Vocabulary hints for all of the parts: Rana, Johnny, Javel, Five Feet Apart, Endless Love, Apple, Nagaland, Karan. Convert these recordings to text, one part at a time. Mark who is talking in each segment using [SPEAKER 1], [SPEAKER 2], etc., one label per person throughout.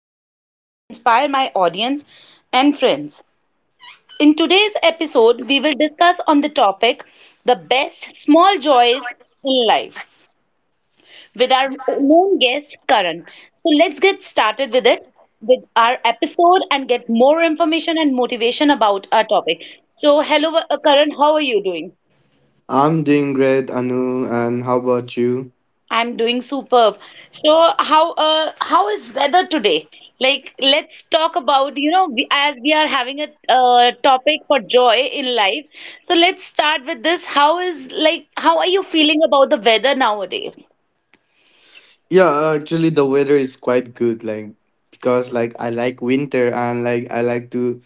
[SPEAKER 1] motivate and inspire my audience and friends. In today's episode, we will discuss on the topic the best small joys in life with our known guest, Karan. So let's get started with it, with our episode, and get more information and motivation about our topic. So, hello, Karan, how are you doing?
[SPEAKER 2] I'm doing great, Anu, and how about you?
[SPEAKER 1] I'm doing superb. So how is weather today? Like let's talk about, you know, we, as we are having a topic for joy in life. So let's start with this. How is like how are you feeling about the weather nowadays?
[SPEAKER 2] Yeah, actually the weather is quite good, like because I like winter and I like to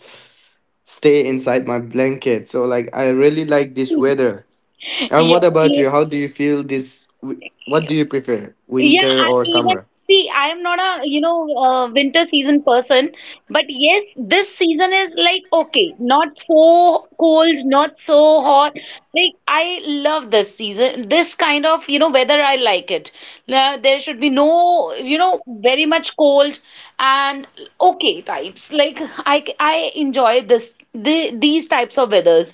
[SPEAKER 2] stay inside my blanket. So like I really like this weather. And what
[SPEAKER 1] Yeah.
[SPEAKER 2] about you? How do you feel what do you prefer?
[SPEAKER 1] Yeah,
[SPEAKER 2] Winter
[SPEAKER 1] I
[SPEAKER 2] or
[SPEAKER 1] even
[SPEAKER 2] summer?
[SPEAKER 1] see, I am not a you know winter season person, but yes, this season is like okay, not so cold, not so hot. Like I love this season, this kind of you know weather. I like it. There should be no you know very much cold and okay types. Like I enjoy this these types of weathers.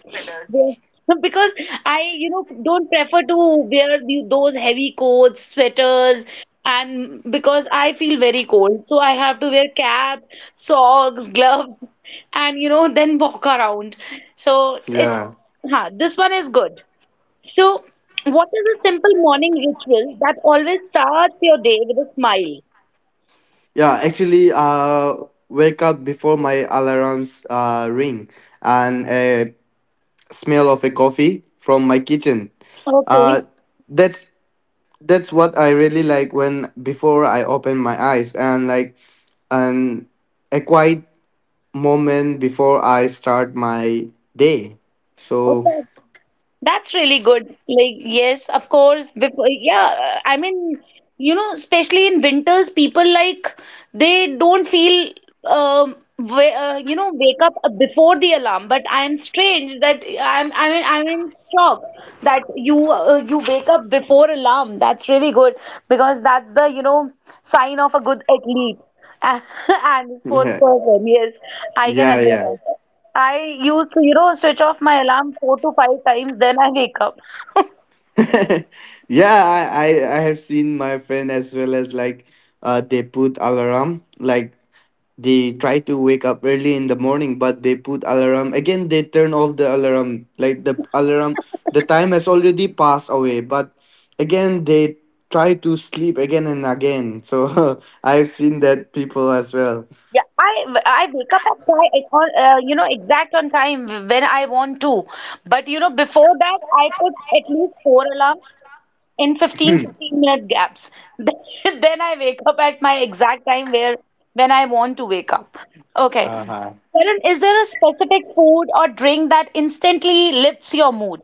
[SPEAKER 1] Yes. Because I, you know, don't prefer to wear those heavy coats, sweaters, and because I feel very cold. So I have to wear cap, socks, gloves, and, you know, then walk around. So it's,
[SPEAKER 2] Yeah.
[SPEAKER 1] huh, this one is good. So, what is a simple morning ritual that always starts your day with a smile?
[SPEAKER 2] Yeah, actually, wake up before my alarms ring and smell of a coffee from my kitchen.
[SPEAKER 1] Okay.
[SPEAKER 2] Uh, that's that's what I really like when before I open my eyes and a quiet moment before I start my day.
[SPEAKER 1] Oh,
[SPEAKER 2] So
[SPEAKER 1] that's really good. Like, yes, of course. Before, yeah, I mean, you know, especially in winters, people like they don't feel, you know, wake up before the alarm. But I'm strange that I'm, I mean, I'm in shock that you, you wake up before alarm. That's really good because that's the, you know, sign of a good athlete and sports
[SPEAKER 2] yeah,
[SPEAKER 1] person. Yes, I can
[SPEAKER 2] yeah, yeah.
[SPEAKER 1] understand. I used to, you know, switch off my alarm 4 to 5 times, then I wake up.
[SPEAKER 2] Yeah, I have seen my friend as well, as like they put alarm, like they try to wake up early in the morning, but they put alarm again, they turn off the alarm, like the alarm, the time has already passed away, but again they try to sleep again and again. So I've seen that people as well.
[SPEAKER 1] Yeah, I wake up at time, at all, you know, exact on time when I want to. But you know, before that, I put at least 4 alarms in fifteen fifteen minute gaps. Then I wake up at my exact time where when I want to wake up. Okay.
[SPEAKER 2] Uh-huh,
[SPEAKER 1] Karan, is there a specific food or drink that instantly lifts your mood?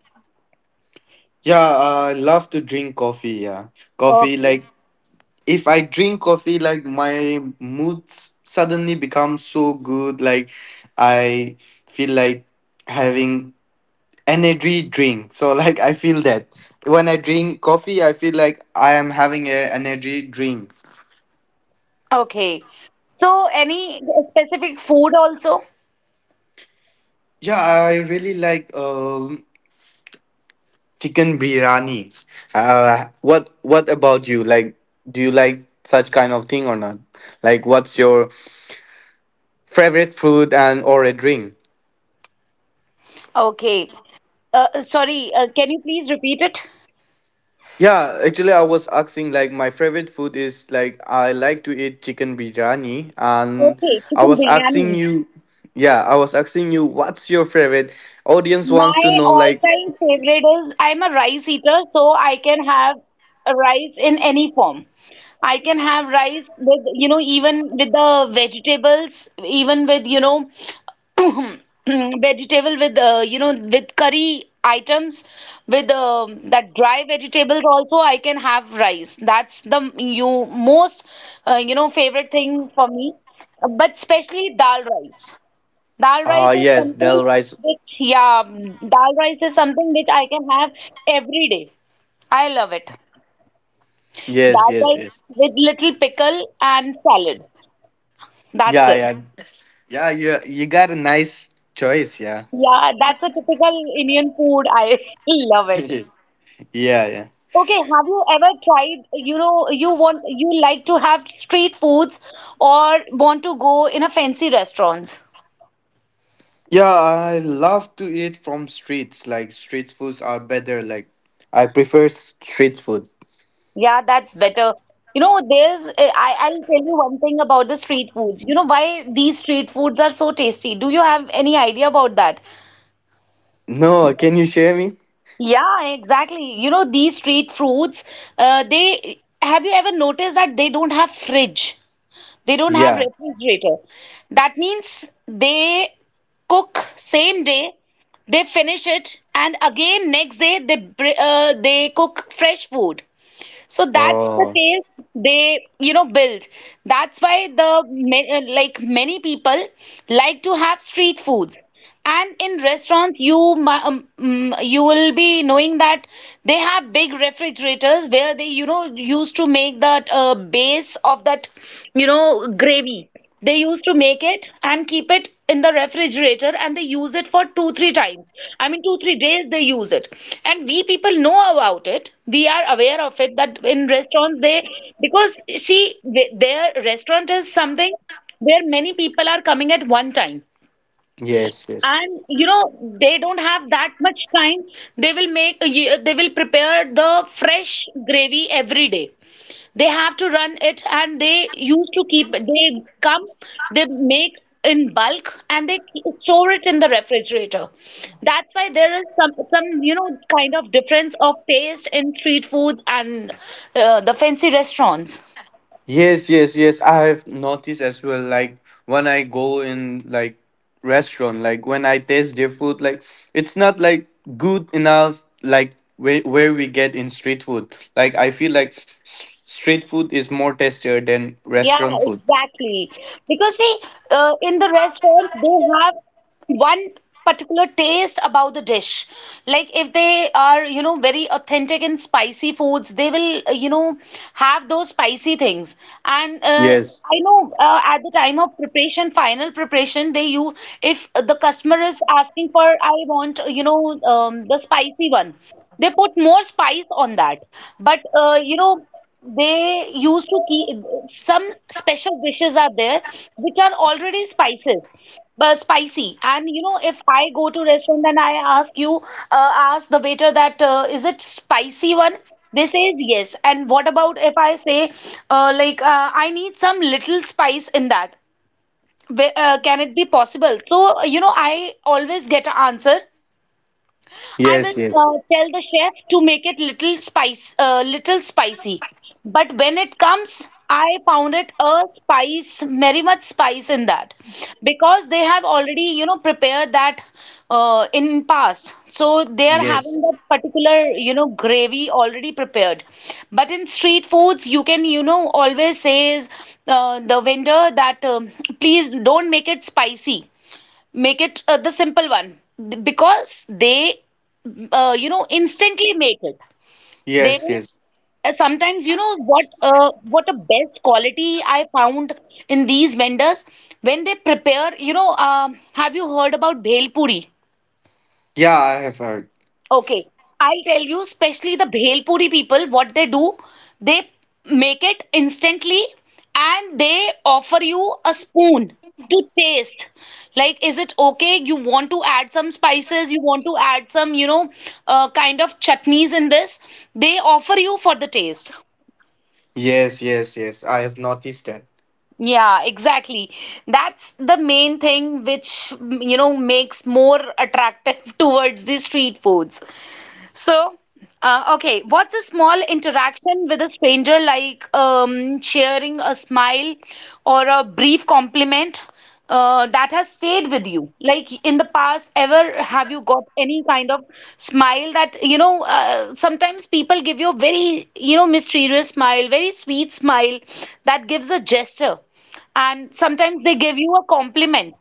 [SPEAKER 2] yeah, I love to drink coffee, yeah, coffee.
[SPEAKER 1] Okay.
[SPEAKER 2] Like if I drink coffee, like my mood suddenly becomes so good. Like I feel like having energy drink. So like I feel that when I drink coffee, I feel like I am having a energy drink.
[SPEAKER 1] Okay. So, any specific food also?
[SPEAKER 2] Yeah, I really like chicken biryani. What about you? Like, do you like such kind of thing or not? Like, what's your favorite food and or a drink?
[SPEAKER 1] Okay. Sorry, can you please repeat it?
[SPEAKER 2] Yeah, actually, I was asking, like my favorite food is like I like to eat chicken biryani, and
[SPEAKER 1] Okay,
[SPEAKER 2] I
[SPEAKER 1] chicken
[SPEAKER 2] was asking
[SPEAKER 1] biryani.
[SPEAKER 2] you, yeah, I was asking you what's your favorite. Audience wants to
[SPEAKER 1] My
[SPEAKER 2] know, like
[SPEAKER 1] all-time favorite is I'm a rice eater, so I can have a rice in any form. I can have rice with, you know, even with the vegetables, even with, you know, vegetable with, you know, with curry items, with that dry vegetables also, I can have rice. That's you most, you know, favorite thing for me, but especially dal rice. Dal
[SPEAKER 2] ah,
[SPEAKER 1] rice is
[SPEAKER 2] yes,
[SPEAKER 1] something
[SPEAKER 2] dal rice.
[SPEAKER 1] which, yeah, dal rice is something which I can have every day. I love it.
[SPEAKER 2] Yes,
[SPEAKER 1] Dal
[SPEAKER 2] yes,
[SPEAKER 1] rice
[SPEAKER 2] yes.
[SPEAKER 1] with little pickle and salad. That's
[SPEAKER 2] Yeah,
[SPEAKER 1] it.
[SPEAKER 2] yeah, yeah. You got a nice choice, yeah.
[SPEAKER 1] Yeah, that's a typical Indian food. I love it.
[SPEAKER 2] Yeah, yeah.
[SPEAKER 1] Okay, have you ever tried, you know, you want, you like to have street foods or want to go in a fancy restaurants?
[SPEAKER 2] Yeah, I love to eat from streets. Like street foods are better. Like I prefer street food.
[SPEAKER 1] Yeah, that's better. You know, there's, I'll tell you one thing about the street foods. You know why these street foods are so tasty? Do you have any idea about that?
[SPEAKER 2] No, can you share me?
[SPEAKER 1] Yeah, exactly. You know, these street foods, have you ever noticed that they don't have fridge? They don't have
[SPEAKER 2] Yeah.
[SPEAKER 1] refrigerator. That means they cook same day, they finish it, and again next day they cook fresh food. So that's the
[SPEAKER 2] Oh,
[SPEAKER 1] taste they, you know, build. That's why like many people like to have street foods. And in restaurants, you will be knowing that they have big refrigerators where they, you know, used to make that base of that, you know, gravy. They used to make it and keep it in the refrigerator and they use it for 2, 3 times. I mean, two, 3 days they use it. And we people know about it. We are aware of it that in restaurants because she, their restaurant is something where many people are coming at one time
[SPEAKER 2] yes, yes.
[SPEAKER 1] and you know they don't have that much time they will prepare the fresh gravy every day they have to run it and they used to keep they come they make in bulk and they store it in the refrigerator. That's why there is some you know kind of difference of taste in street foods and the fancy restaurants.
[SPEAKER 2] Yes, yes, yes. I have noticed as well, like when I go in like restaurant, like when I taste their food, like it's not like good enough like where we get in street food. Like I feel like street food is more tastier than
[SPEAKER 1] Yeah,
[SPEAKER 2] restaurant food.
[SPEAKER 1] exactly. Because see, in the restaurants, they have one particular taste about the dish. Like if they are, you know, very authentic in spicy foods, they will, you know, have those spicy things. And
[SPEAKER 2] Yes.
[SPEAKER 1] I know at the time of preparation, final preparation, they you if the customer is asking for, I want, you know, the spicy one, they put more spice on that. But you know, they used to keep some special dishes are there which are already spices, but spicy. And you know, if I go to restaurant and I ask you, ask the waiter that is it spicy one? They says yes. And what about if I say, I need some little spice in that? Can it be possible? So you know, I always get an answer. I will
[SPEAKER 2] Yes, yes.
[SPEAKER 1] tell the chef to make it little spicy. But when it comes, I found it a spice, very much spice in that, because they have already, you know, prepared that in past. So they are having
[SPEAKER 2] Yes.
[SPEAKER 1] that particular, you know, gravy already prepared. But in street foods, you can, you know, always says the vendor that please don't make it spicy. Make it the simple one. Because they, you know, instantly make it. They
[SPEAKER 2] Yes,
[SPEAKER 1] will
[SPEAKER 2] yes.
[SPEAKER 1] sometimes, you know, what a best quality I found in these vendors when they prepare. You know, have you heard about bhel puri?
[SPEAKER 2] Yeah, I have heard.
[SPEAKER 1] Okay, I'll tell you, especially the Bhelpuri people, what they do, they make it instantly and they offer you a spoon to taste. Like, is it okay? You want to add some spices, you want to add some, you know, kind of chutneys in this, they offer you for the taste.
[SPEAKER 2] Yes, yes, yes. I have noticed that.
[SPEAKER 1] Yeah, exactly. That's the main thing which, you know, makes more attractive towards the street foods. So, okay, what's a small interaction with a stranger like sharing a smile or a brief compliment that has stayed with you? Like in the past, ever have you got any kind of smile that, you know, sometimes people give you a very, you know, mysterious smile, very sweet smile that gives a gesture, and sometimes they give you a compliment.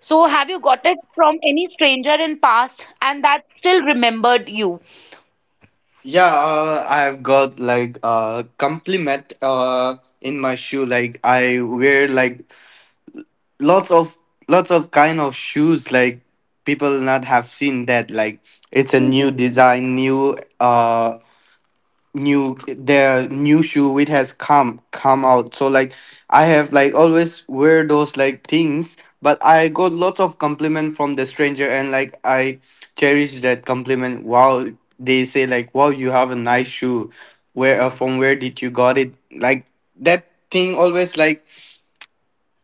[SPEAKER 1] So have you got it from any stranger in past and that still remembered you?
[SPEAKER 2] Yeah, I've got like a compliment in my shoe. Like I wear like lots of lots of kind of shoes. Like people not have seen that. Like it's a new design, new shoe which has come out. So like I have like always wear those like things, but I got lots of compliment from the stranger, and like I cherish that compliment. Wow, they say like, "Wow, you have a nice shoe. Where from where did you got it?" Like that thing always like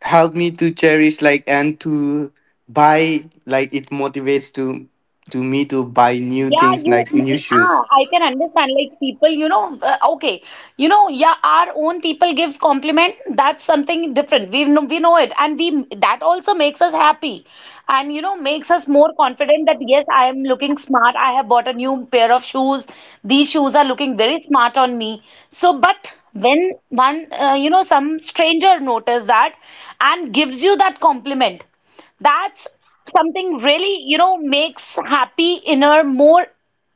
[SPEAKER 2] help me to cherish, like, and to buy, like it motivates to me to buy new
[SPEAKER 1] Yeah,
[SPEAKER 2] things,
[SPEAKER 1] you,
[SPEAKER 2] like new shoes.
[SPEAKER 1] ah, I can understand. Like people, you know, okay, you know, yeah, our own people gives compliment. That's something different. We know it, and we that also makes us happy, and you know, makes us more confident that yes, I am looking smart. I have bought a new pair of shoes. These shoes are looking very smart on me. So, but when one, you know, some stranger notice that and gives you that compliment. That's something really, you know, makes happy inner more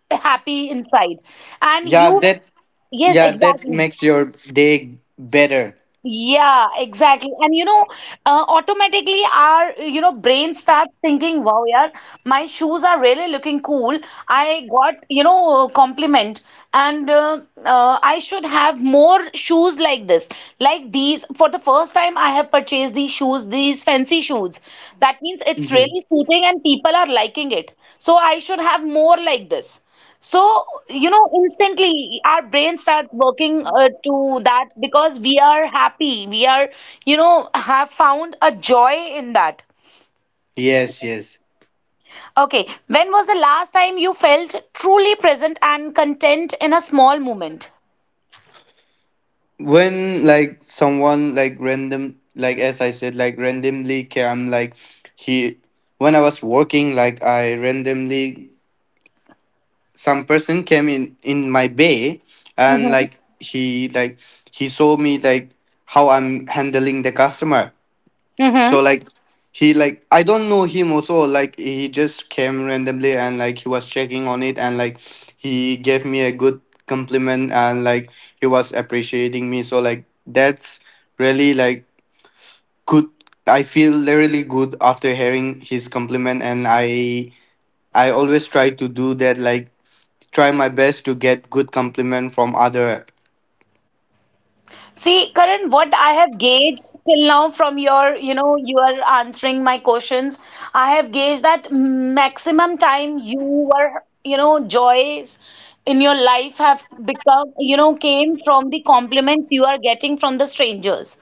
[SPEAKER 1] happy inside. And
[SPEAKER 2] Yeah,
[SPEAKER 1] you,
[SPEAKER 2] that.
[SPEAKER 1] yes,
[SPEAKER 2] Yeah, that
[SPEAKER 1] exactly.
[SPEAKER 2] makes your day better.
[SPEAKER 1] Yeah, exactly. And you know, automatically our you know brain starts thinking, "Wow, yeah, my shoes are really looking cool. I got you know compliment, and I should have more shoes like this, like these. For the first time, I have purchased these shoes, these fancy shoes. That means it's
[SPEAKER 2] Hmm.
[SPEAKER 1] really suiting, and people are liking it. So I should have more like this." So, you know, instantly our brain starts working to that because we are happy. We are, you know, have found a joy in that.
[SPEAKER 2] Yes, yes.
[SPEAKER 1] Okay, when was the last time you felt truly present and content in a small moment?
[SPEAKER 2] When like someone like random, like as I said, like randomly came, like he, when I was working, like I randomly, some person came in my bay, and
[SPEAKER 1] Mm-hmm.
[SPEAKER 2] like he saw me like how I'm handling the customer. So like he like, I don't know him also, like he just came randomly, and like he was checking on it, and like he gave me a good compliment, and like he was appreciating me. So like that's really like good. I feel really good after hearing his compliment, and I always try to do that, like try my best to get good compliment from other.
[SPEAKER 1] See, Karan, what I have gauged till now from your, you know, you are answering my questions, I have gauged that maximum time you were, you know, joys in your life have become, you know, came from the compliments you are getting from the strangers.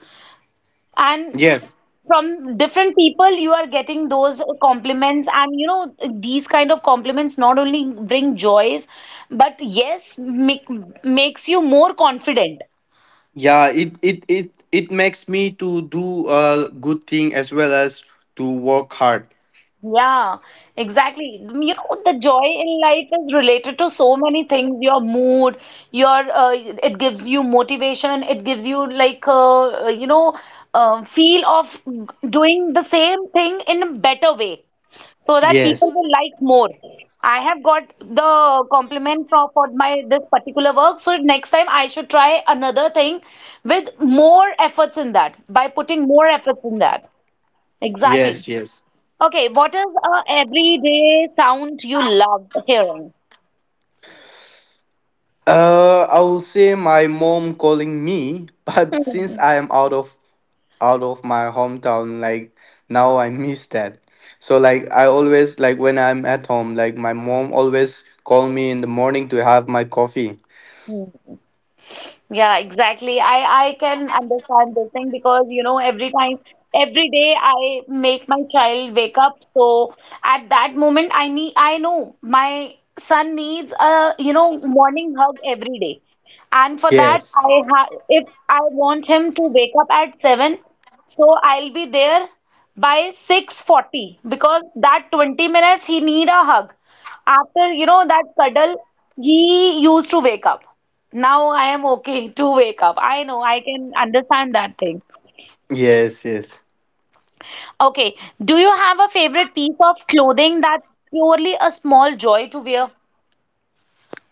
[SPEAKER 1] And
[SPEAKER 2] Yes,
[SPEAKER 1] from different people, you are getting those compliments. And, you know, these kind of compliments not only bring joys, but yes, make, makes you more confident.
[SPEAKER 2] yeah, it makes me to do a good thing as well as to work hard.
[SPEAKER 1] Yeah, exactly. You know, the joy in life is related to so many things. Your mood, your it gives you motivation. It gives you like feel of doing the same thing in a better way, so that people
[SPEAKER 2] Yes,
[SPEAKER 1] will like more. I have got the compliment from for my this particular work, so next time I should try another thing with more efforts in that by putting more efforts in that. Exactly.
[SPEAKER 2] yes, yes.
[SPEAKER 1] Okay, what is a everyday sound you love hearing?
[SPEAKER 2] I will say my mom calling me. But since I am out of my hometown, like now I miss that. So like I always like when I'm at home, like my mom always call me in the morning to have my coffee.
[SPEAKER 1] Hmm. Yeah, exactly. I can understand this thing because you know every time every day I make my child wake up. So at that moment I know my son needs a you know morning hug every day. And for that
[SPEAKER 2] Yes,
[SPEAKER 1] I ha if I want him to wake up at 7, so I'll be there by 6:40 because that 20 minutes he need a hug. After you know that cuddle he used to wake up. Now I am okay to wake up. I know, I can understand that thing.
[SPEAKER 2] yes, yes.
[SPEAKER 1] Okay, do you have a favorite piece of clothing that's purely a small joy to wear?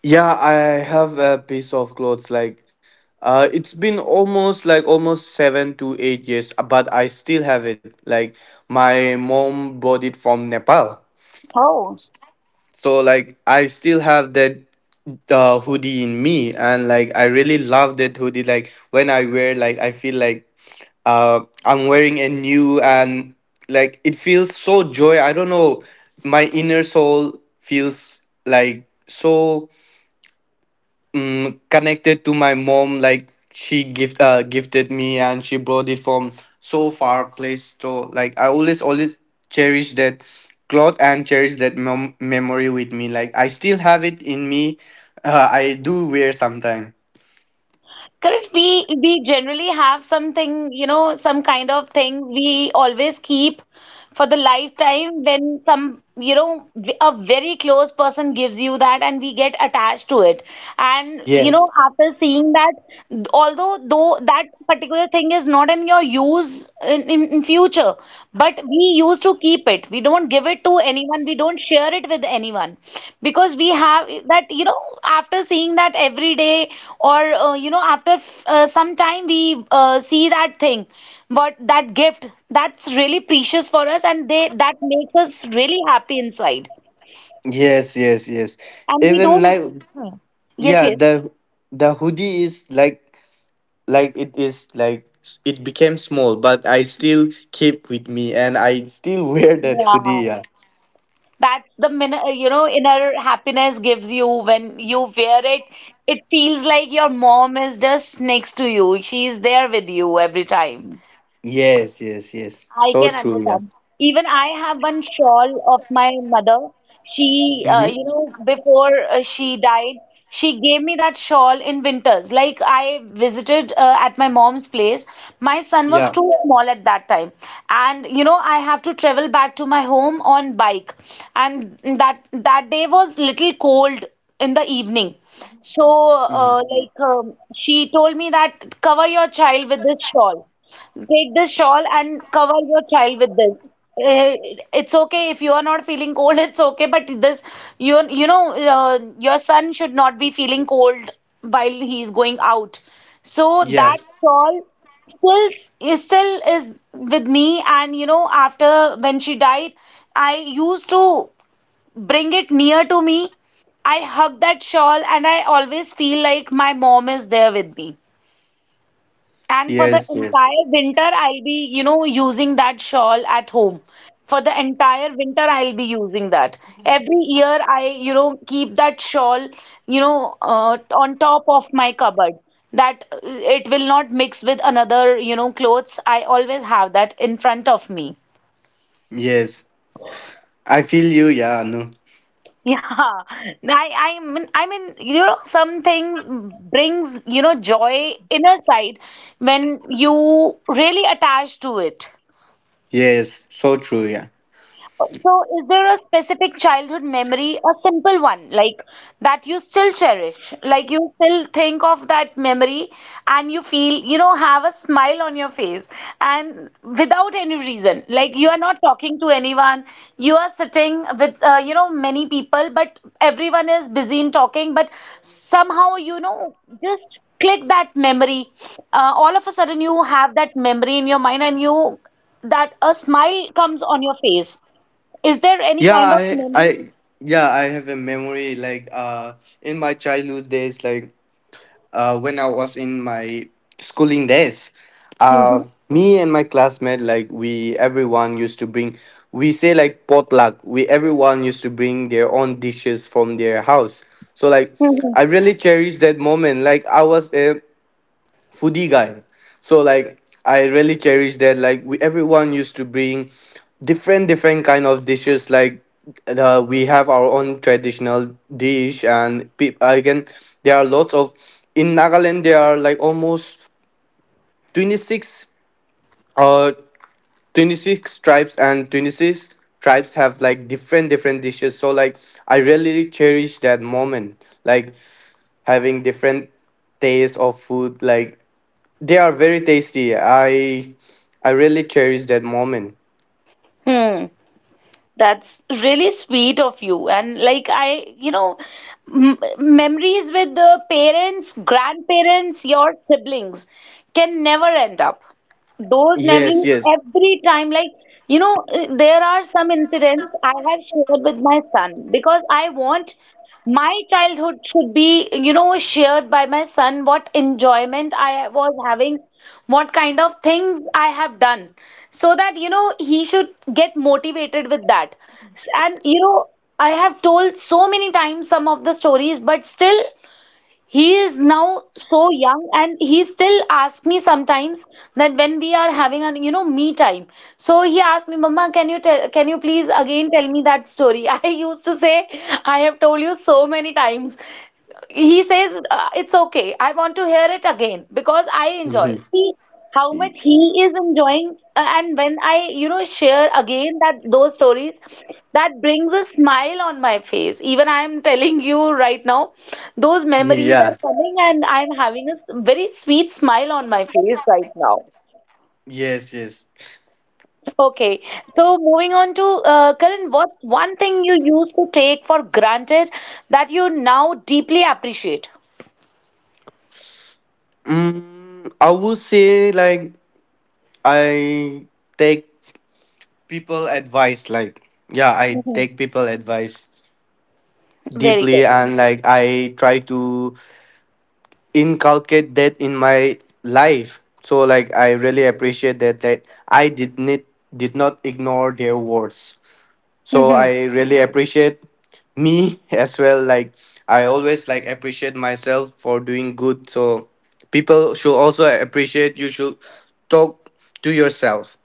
[SPEAKER 2] Yeah, I have a piece of clothes, like it's been almost almost 7 to 8 years, but I still have it. Like my mom bought it from Nepal.
[SPEAKER 1] Oh,
[SPEAKER 2] So like I still have that hoodie in me, and like I really love that hoodie. Like when I wear, like I feel like I'm wearing a new, and like it feels so joy. I don't know, my inner soul feels like so mm, connected to my mom, like she gifted me and she brought it from so far place. So like I always cherish that cloth and cherish that memory with me, like I still have it in me. I do wear sometime.
[SPEAKER 1] correct. We generally have something, you know, some kind of things we always keep for the lifetime when some, you know, a very close person gives you that and we get attached to it. And, you know,
[SPEAKER 2] Yes,
[SPEAKER 1] after seeing that, although though that particular thing is not in your use in future, but we used to keep it. We don't give it to anyone, we don't share it with anyone because we have that you know after seeing that every day or you know after some time we see that thing, but that gift, that's really precious for us, and they that makes us really happy inside,
[SPEAKER 2] yes, yes, yes,
[SPEAKER 1] and we
[SPEAKER 2] even
[SPEAKER 1] don't.
[SPEAKER 2] like,
[SPEAKER 1] Yes,
[SPEAKER 2] yeah
[SPEAKER 1] yes,
[SPEAKER 2] the hoodie is like, it is like it became small but I still keep with me, and I still wear that
[SPEAKER 1] yeah.
[SPEAKER 2] hoodie, yeah.
[SPEAKER 1] That's the min you know, inner happiness gives you when you wear it. It feels like your mom is just next to you. She's there with you every time.
[SPEAKER 2] Yes, yes, yes.
[SPEAKER 1] I
[SPEAKER 2] So
[SPEAKER 1] can
[SPEAKER 2] true. Yeah.
[SPEAKER 1] understand. Even I have one shawl of my mother. She,
[SPEAKER 2] Mm-hmm.
[SPEAKER 1] you know, before she died, she gave me that shawl in winters. Like I visited at my mom's place. My son was
[SPEAKER 2] Yeah.
[SPEAKER 1] too small at that time. And, you know, I have to travel back to my home on bike. And that day was little cold in the evening. So,
[SPEAKER 2] Mhm.
[SPEAKER 1] she told me that cover your child with this shawl. Take this shawl and cover your child with this. Eh, It's okay if you are not feeling cold, it's okay, but this, you know, your son should not be feeling cold while he is going out. So that
[SPEAKER 2] Yes.
[SPEAKER 1] shawl still still is with me, and you know, after when she died, I used to bring it near to me. I hug that shawl, and I always feel like my mom is there with me. And for the
[SPEAKER 2] Yes. Yes.
[SPEAKER 1] entire winter, I'll be, you know, using that shawl at home. For the entire winter, I'll be using that. Every year, I, you know, keep that shawl, you know, on top of my cupboard, that it will not mix with another, you know, clothes. I always have that in front of me.
[SPEAKER 2] Yes. I feel you. Yeah. No.
[SPEAKER 1] Yeah, I mean, you know, some things brings, you know, joy inner side when you really attach to it.
[SPEAKER 2] Yes. So true. Yeah.
[SPEAKER 1] So, is there a specific childhood memory, a simple one, like that you still cherish? Like you still think of that memory and you feel, you know, have a smile on your face and without any reason. Like you are not talking to anyone, you are sitting with, you know, many people, but everyone is busy in talking, but somehow, you know, just click that memory. All of a sudden, you have that memory in your mind and you, that a smile comes on your face. Is there any
[SPEAKER 2] Yeah.
[SPEAKER 1] kind of
[SPEAKER 2] I.
[SPEAKER 1] memory?
[SPEAKER 2] I. Yeah. I have a memory like in my childhood days, like when I was in my schooling days.
[SPEAKER 1] Hmm.
[SPEAKER 2] Uh, me and my classmate, like we everyone used to bring, we say like potluck. We everyone used to bring their own dishes from their house. So like
[SPEAKER 1] Hmm.
[SPEAKER 2] I really cherish that moment. Like I was foodie guy. So like I really cherish that. Like we, everyone used to bring different different kind of dishes. Like we have our own traditional dish, and again there are lots of, in Nagaland. There are like almost 26 uh 26 tribes, and 26 tribes have like different different dishes. So like I really cherish that moment, like having different taste of food. Like they are very tasty. I really cherish that moment.
[SPEAKER 1] Hmm. That's really sweet of you. And like I, you know, m memories with the parents, grandparents, your siblings can never end up. Those
[SPEAKER 2] Yes,
[SPEAKER 1] memories
[SPEAKER 2] yes.
[SPEAKER 1] every time, like you know, there are some incidents I have shared with my son, because I want my childhood should be, you know, shared by my son, what enjoyment I was having, what kind of things I have done, so that you know he should get motivated with that. And you know, I have told so many times some of the stories, but still he is now so young and he still asks me sometimes that when we are having a you know me time. So he asked me, Mama, can you please again tell me that story? I used to say, I have told you so many times. He says, It's okay. I want to hear it again because I enjoy
[SPEAKER 2] Mhm.
[SPEAKER 1] it. See how much
[SPEAKER 2] Y-
[SPEAKER 1] he is enjoying. And when I, you know, share again that those stories, that brings a smile on my face. Even I am telling you right now, those memories are
[SPEAKER 2] Yeah.
[SPEAKER 1] coming and I'm having a very sweet smile on my face right now.
[SPEAKER 2] Yes, yes.
[SPEAKER 1] Okay, so moving on to Karan, what's one thing you used to take for granted that you now deeply appreciate?
[SPEAKER 2] Mm, I would say like I take people advice, like yeah, I
[SPEAKER 1] Mhm.
[SPEAKER 2] take people advice
[SPEAKER 1] Very
[SPEAKER 2] deeply,
[SPEAKER 1] good.
[SPEAKER 2] and like I try to inculcate that in my life. So like I really appreciate that that I did not ignore their words. So
[SPEAKER 1] Mm-hmm.
[SPEAKER 2] I really appreciate me as well. Like I always like appreciate myself for doing good. So people should also appreciate. You should talk to yourself.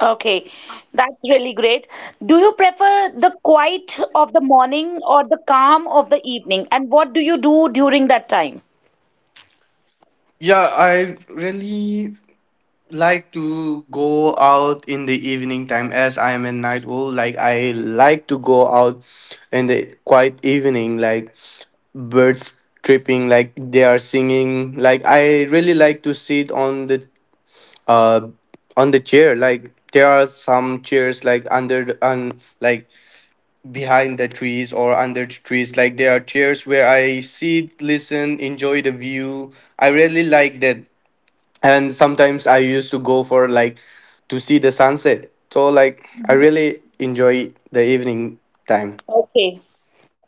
[SPEAKER 1] Okay, that's really great. Do you prefer the quiet of the morning or the calm of the evening? And what do you do during that time?
[SPEAKER 2] Yeah, I really like to go out in the evening time, as I am a night owl. Like I like to go out in the quiet evening, like birds tripping, like they are singing. Like I really like to sit uh on the chair. Like there are some chairs like under the, on like behind the trees or under the trees, like there are chairs where I sit, listen, enjoy the view. I really like that. And sometimes I used to go for like to see the sunset. So like I
[SPEAKER 1] Mhm.
[SPEAKER 2] really enjoy the evening time.
[SPEAKER 1] Okay,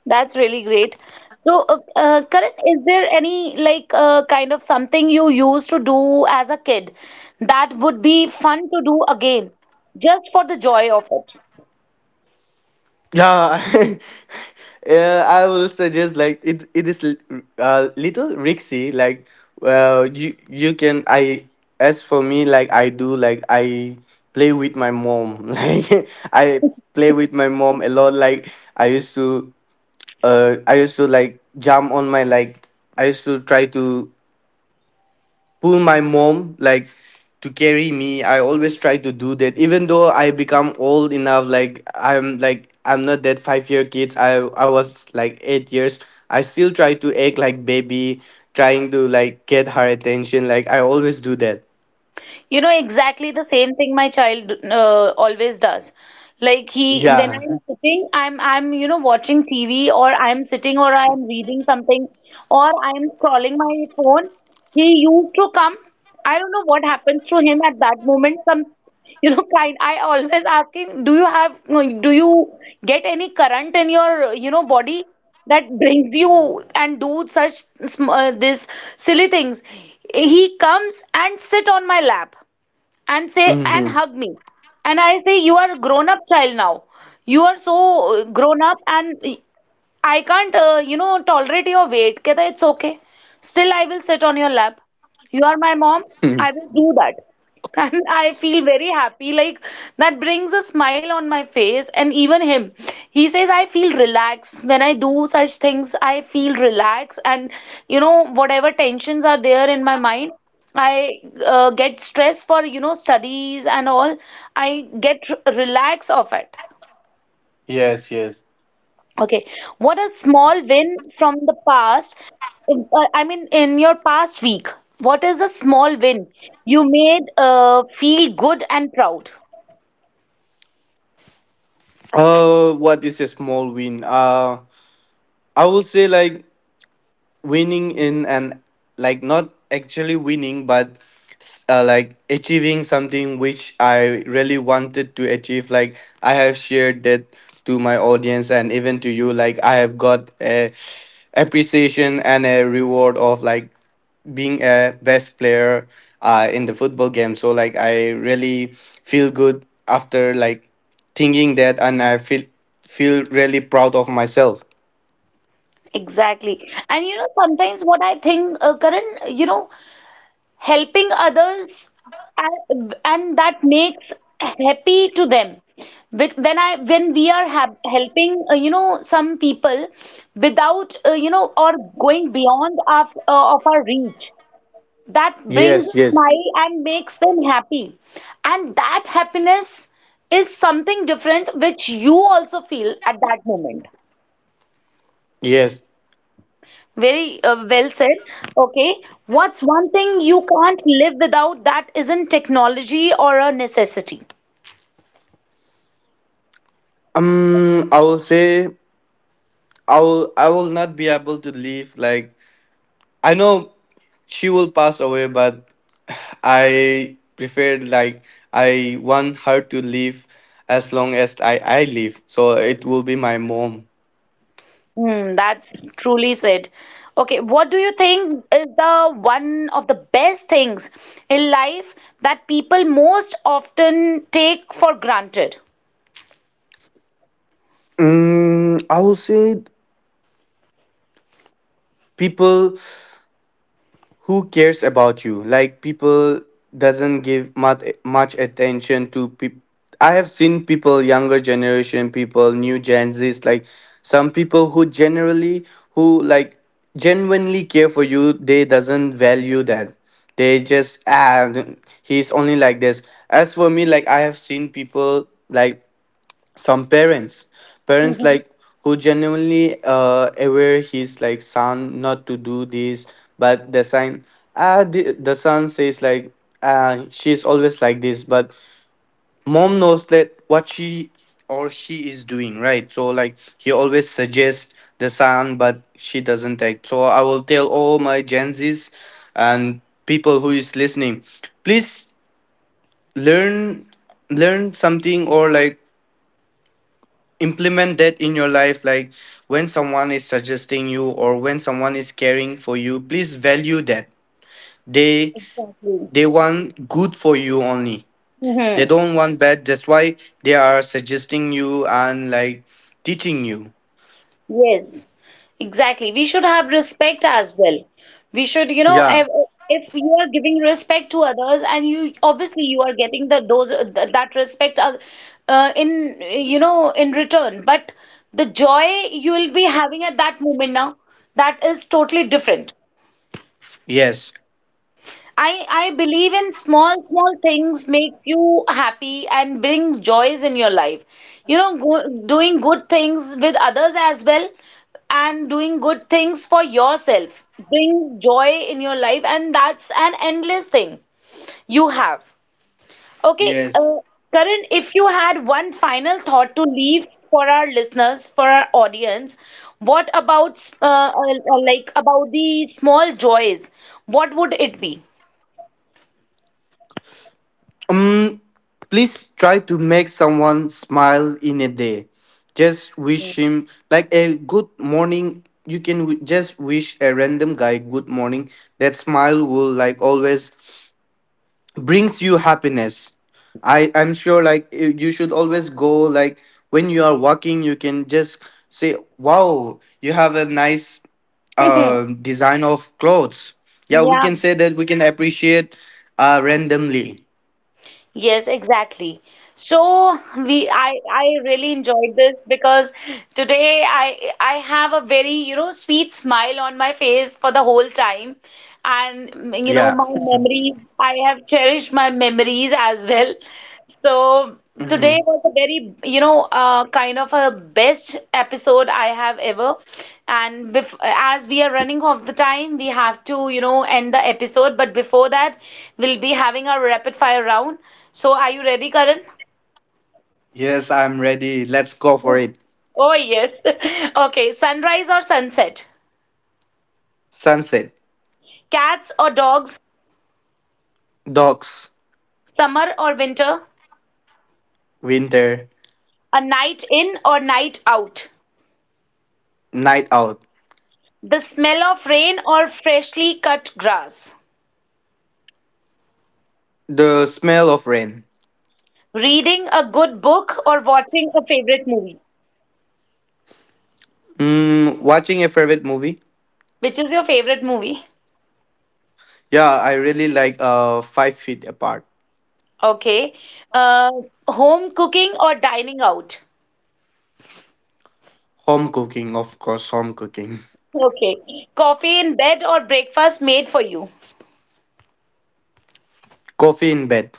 [SPEAKER 1] that's really great. So, Karan, is there any like kind of something you used to do as a kid that would be fun to do again, just for the joy of it?
[SPEAKER 2] Yeah, yeah, I will suggest like it. It is little risky. Like, well, you can I as for me, like I do, like I play with my mom. Like I play with my mom a lot. Like I used to I used to like jump on my like, I used to try to pull my mom like to carry me. I always try to do that, even though I become old enough, like I'm not that 5 year kids. I was like 8 years. I still try to act like baby, trying to like get her attention, like I always do that.
[SPEAKER 1] You know, exactly the same thing my child always does. Like he, when
[SPEAKER 2] Yeah.
[SPEAKER 1] I'm sitting, I'm you know watching TV, or I'm sitting, or I'm reading something, or I'm scrolling my phone. He used to come. I don't know what happens to him at that moment. Some you know, kind, I always ask him, do you have, no, do you get any current in your, you know, body that brings you and do such this silly things? He comes and sit on my lap and say and
[SPEAKER 2] Hmm.
[SPEAKER 1] hug me, and I say, you are a grown up child now. You are so grown up, and I can't, you know, tolerate your weight. Kehta, it's okay. Still, I will sit on your lap. You are my mom. I will do that. And I feel very happy. Like, that brings a smile on my face. And even him, he says, I feel relaxed. When I do such things, I feel relaxed. And, you know, whatever tensions are there in my mind, I get stressed for, you know, studies and all. I get relaxed of it.
[SPEAKER 2] Yes, yes.
[SPEAKER 1] Okay, what a small win from the past. I mean, in your past week, what is a small win you made feel good and proud?
[SPEAKER 2] What is a small win I will say like winning in an, like not actually winning but like achieving something which I really wanted to achieve. Like I have shared that to my audience and even to you, like I have got a appreciation and a reward of like being a best player, in the football game. So like I really feel good after like thinking that, and I feel feel really proud of myself.
[SPEAKER 1] Exactly. And you know, sometimes what I think, Karan, you know, helping others, and that makes happy to them. When I when we are helping, you know, some people without, you know, or going beyond our, of our reach, that brings
[SPEAKER 2] Yes,
[SPEAKER 1] a
[SPEAKER 2] yes,
[SPEAKER 1] smile and makes them happy. And that happiness is something different which you also feel at that moment.
[SPEAKER 2] yes.
[SPEAKER 1] Very well said. Okay, what's one thing you can't live without that isn't technology or a necessity?
[SPEAKER 2] I will say I will not be able to leave. Like I know she will pass away, but I prefer like I want her to live as long as I live. So it will be my mom.
[SPEAKER 1] Hmm, that's truly said. Okay, what do you think is the one of the best things in life that people most often take for granted?
[SPEAKER 2] Mm, I will say people who cares about you. Like people doesn't give much attention to people. I have seen people, younger generation people, new gen Z's. Like some people who generally, who like genuinely care for you, they doesn't value that. They just ah, he's only like this. As for me, like I have seen people like some parents,
[SPEAKER 1] Mm-hmm.
[SPEAKER 2] like who genuinely aware his like son not to do this. But the son, the son says like she's always like this. But mom knows that what she or he is doing right. So like he always suggests the son, but she doesn't act. So I will tell all my gen Z's and people who is listening, please learn learn something, or like implement that in your life. Like when someone is suggesting you, or when someone is caring for you, please value that. they
[SPEAKER 1] Exactly.
[SPEAKER 2] they want good for you only. They
[SPEAKER 1] Mm-hmm.
[SPEAKER 2] don't want bad. That's why they are suggesting you and like teaching you.
[SPEAKER 1] Yes, exactly. We should have respect as well. We should, you know,
[SPEAKER 2] Yeah,
[SPEAKER 1] if you are giving respect to others and you obviously you are getting the that respect in you know in return, but the joy you will be having at that moment now, that is totally different.
[SPEAKER 2] yes,
[SPEAKER 1] I believe in small small things makes you happy and brings joys in your life. You know, doing good things with others as well and doing good things for yourself brings joy in your life, and that's an endless thing you have. Okay,
[SPEAKER 2] yes.
[SPEAKER 1] Karan, if you had one final thought to leave for our listeners, for our audience, what about like about the small joys? What would it be?
[SPEAKER 2] Um, please try to make someone smile in a day. Just wish him like a good morning. You can just wish a random guy good morning. That smile will like always brings you happiness. I'm sure, like you should always go like when you are walking, you can just say, "Wow, you have a nice design of clothes." Yeah, we
[SPEAKER 1] Yeah.
[SPEAKER 2] can say that, we can appreciate randomly.
[SPEAKER 1] Yes, exactly. So we I really enjoyed this, because today I have a very, you know, sweet smile on my face for the whole time. And you know,
[SPEAKER 2] Yeah.
[SPEAKER 1] my memories, I have cherished my memories as well. So today
[SPEAKER 2] Mhm.
[SPEAKER 1] was a very, you know, kind of a best episode I have ever. And bef as we are running off the time, we have to, you know, end the episode. But before that, we'll be having our rapid fire round. So are you ready, Karan?
[SPEAKER 2] Yes, I'm ready. Let's go for it.
[SPEAKER 1] Oh, yes. Okay, sunrise or sunset?
[SPEAKER 2] Sunset.
[SPEAKER 1] Cats or dogs?
[SPEAKER 2] Dogs.
[SPEAKER 1] Summer or winter?
[SPEAKER 2] Winter.
[SPEAKER 1] A night in or night out?
[SPEAKER 2] Night out.
[SPEAKER 1] The smell of rain or freshly cut grass?
[SPEAKER 2] The smell of rain.
[SPEAKER 1] Reading a good book or watching a favorite movie?
[SPEAKER 2] Mm, watching a favorite movie?
[SPEAKER 1] Which is your favorite movie?
[SPEAKER 2] Yeah, I really like Five Feet Apart.
[SPEAKER 1] Okay. Uh, Home cooking or dining out?
[SPEAKER 2] Home cooking, of course, home cooking.
[SPEAKER 1] Okay. Coffee in bed or breakfast made for you?
[SPEAKER 2] Coffee in bed.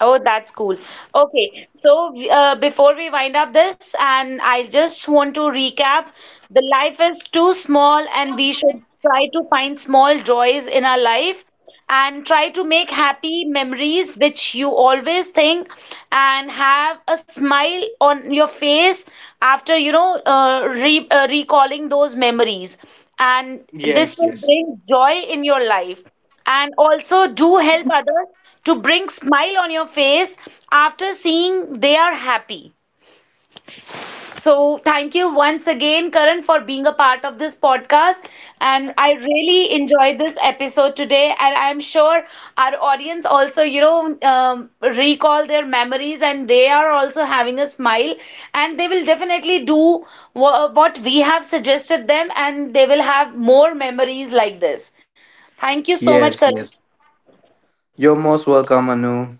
[SPEAKER 1] Oh, that's cool. Okay, so before we wind up this, and I just want to recap, the life is too small, and we should try to find small joys in our life and try to make happy memories which you always think and have a smile on your face after you know re recalling those memories, and this
[SPEAKER 2] Yes,
[SPEAKER 1] will
[SPEAKER 2] yes.
[SPEAKER 1] bring joy in your life, and also do help others to bring smile on your face after seeing they are happy. So thank you once again, Karan, for being a part of this podcast, and I really enjoyed this episode today, and I'm sure our audience also you know recall their memories and they are also having a smile, and they will definitely do what we have suggested them, and they will have more memories like this. Thank you so much,
[SPEAKER 2] Yes,
[SPEAKER 1] Karan.
[SPEAKER 2] yes. You're most welcome, Anu.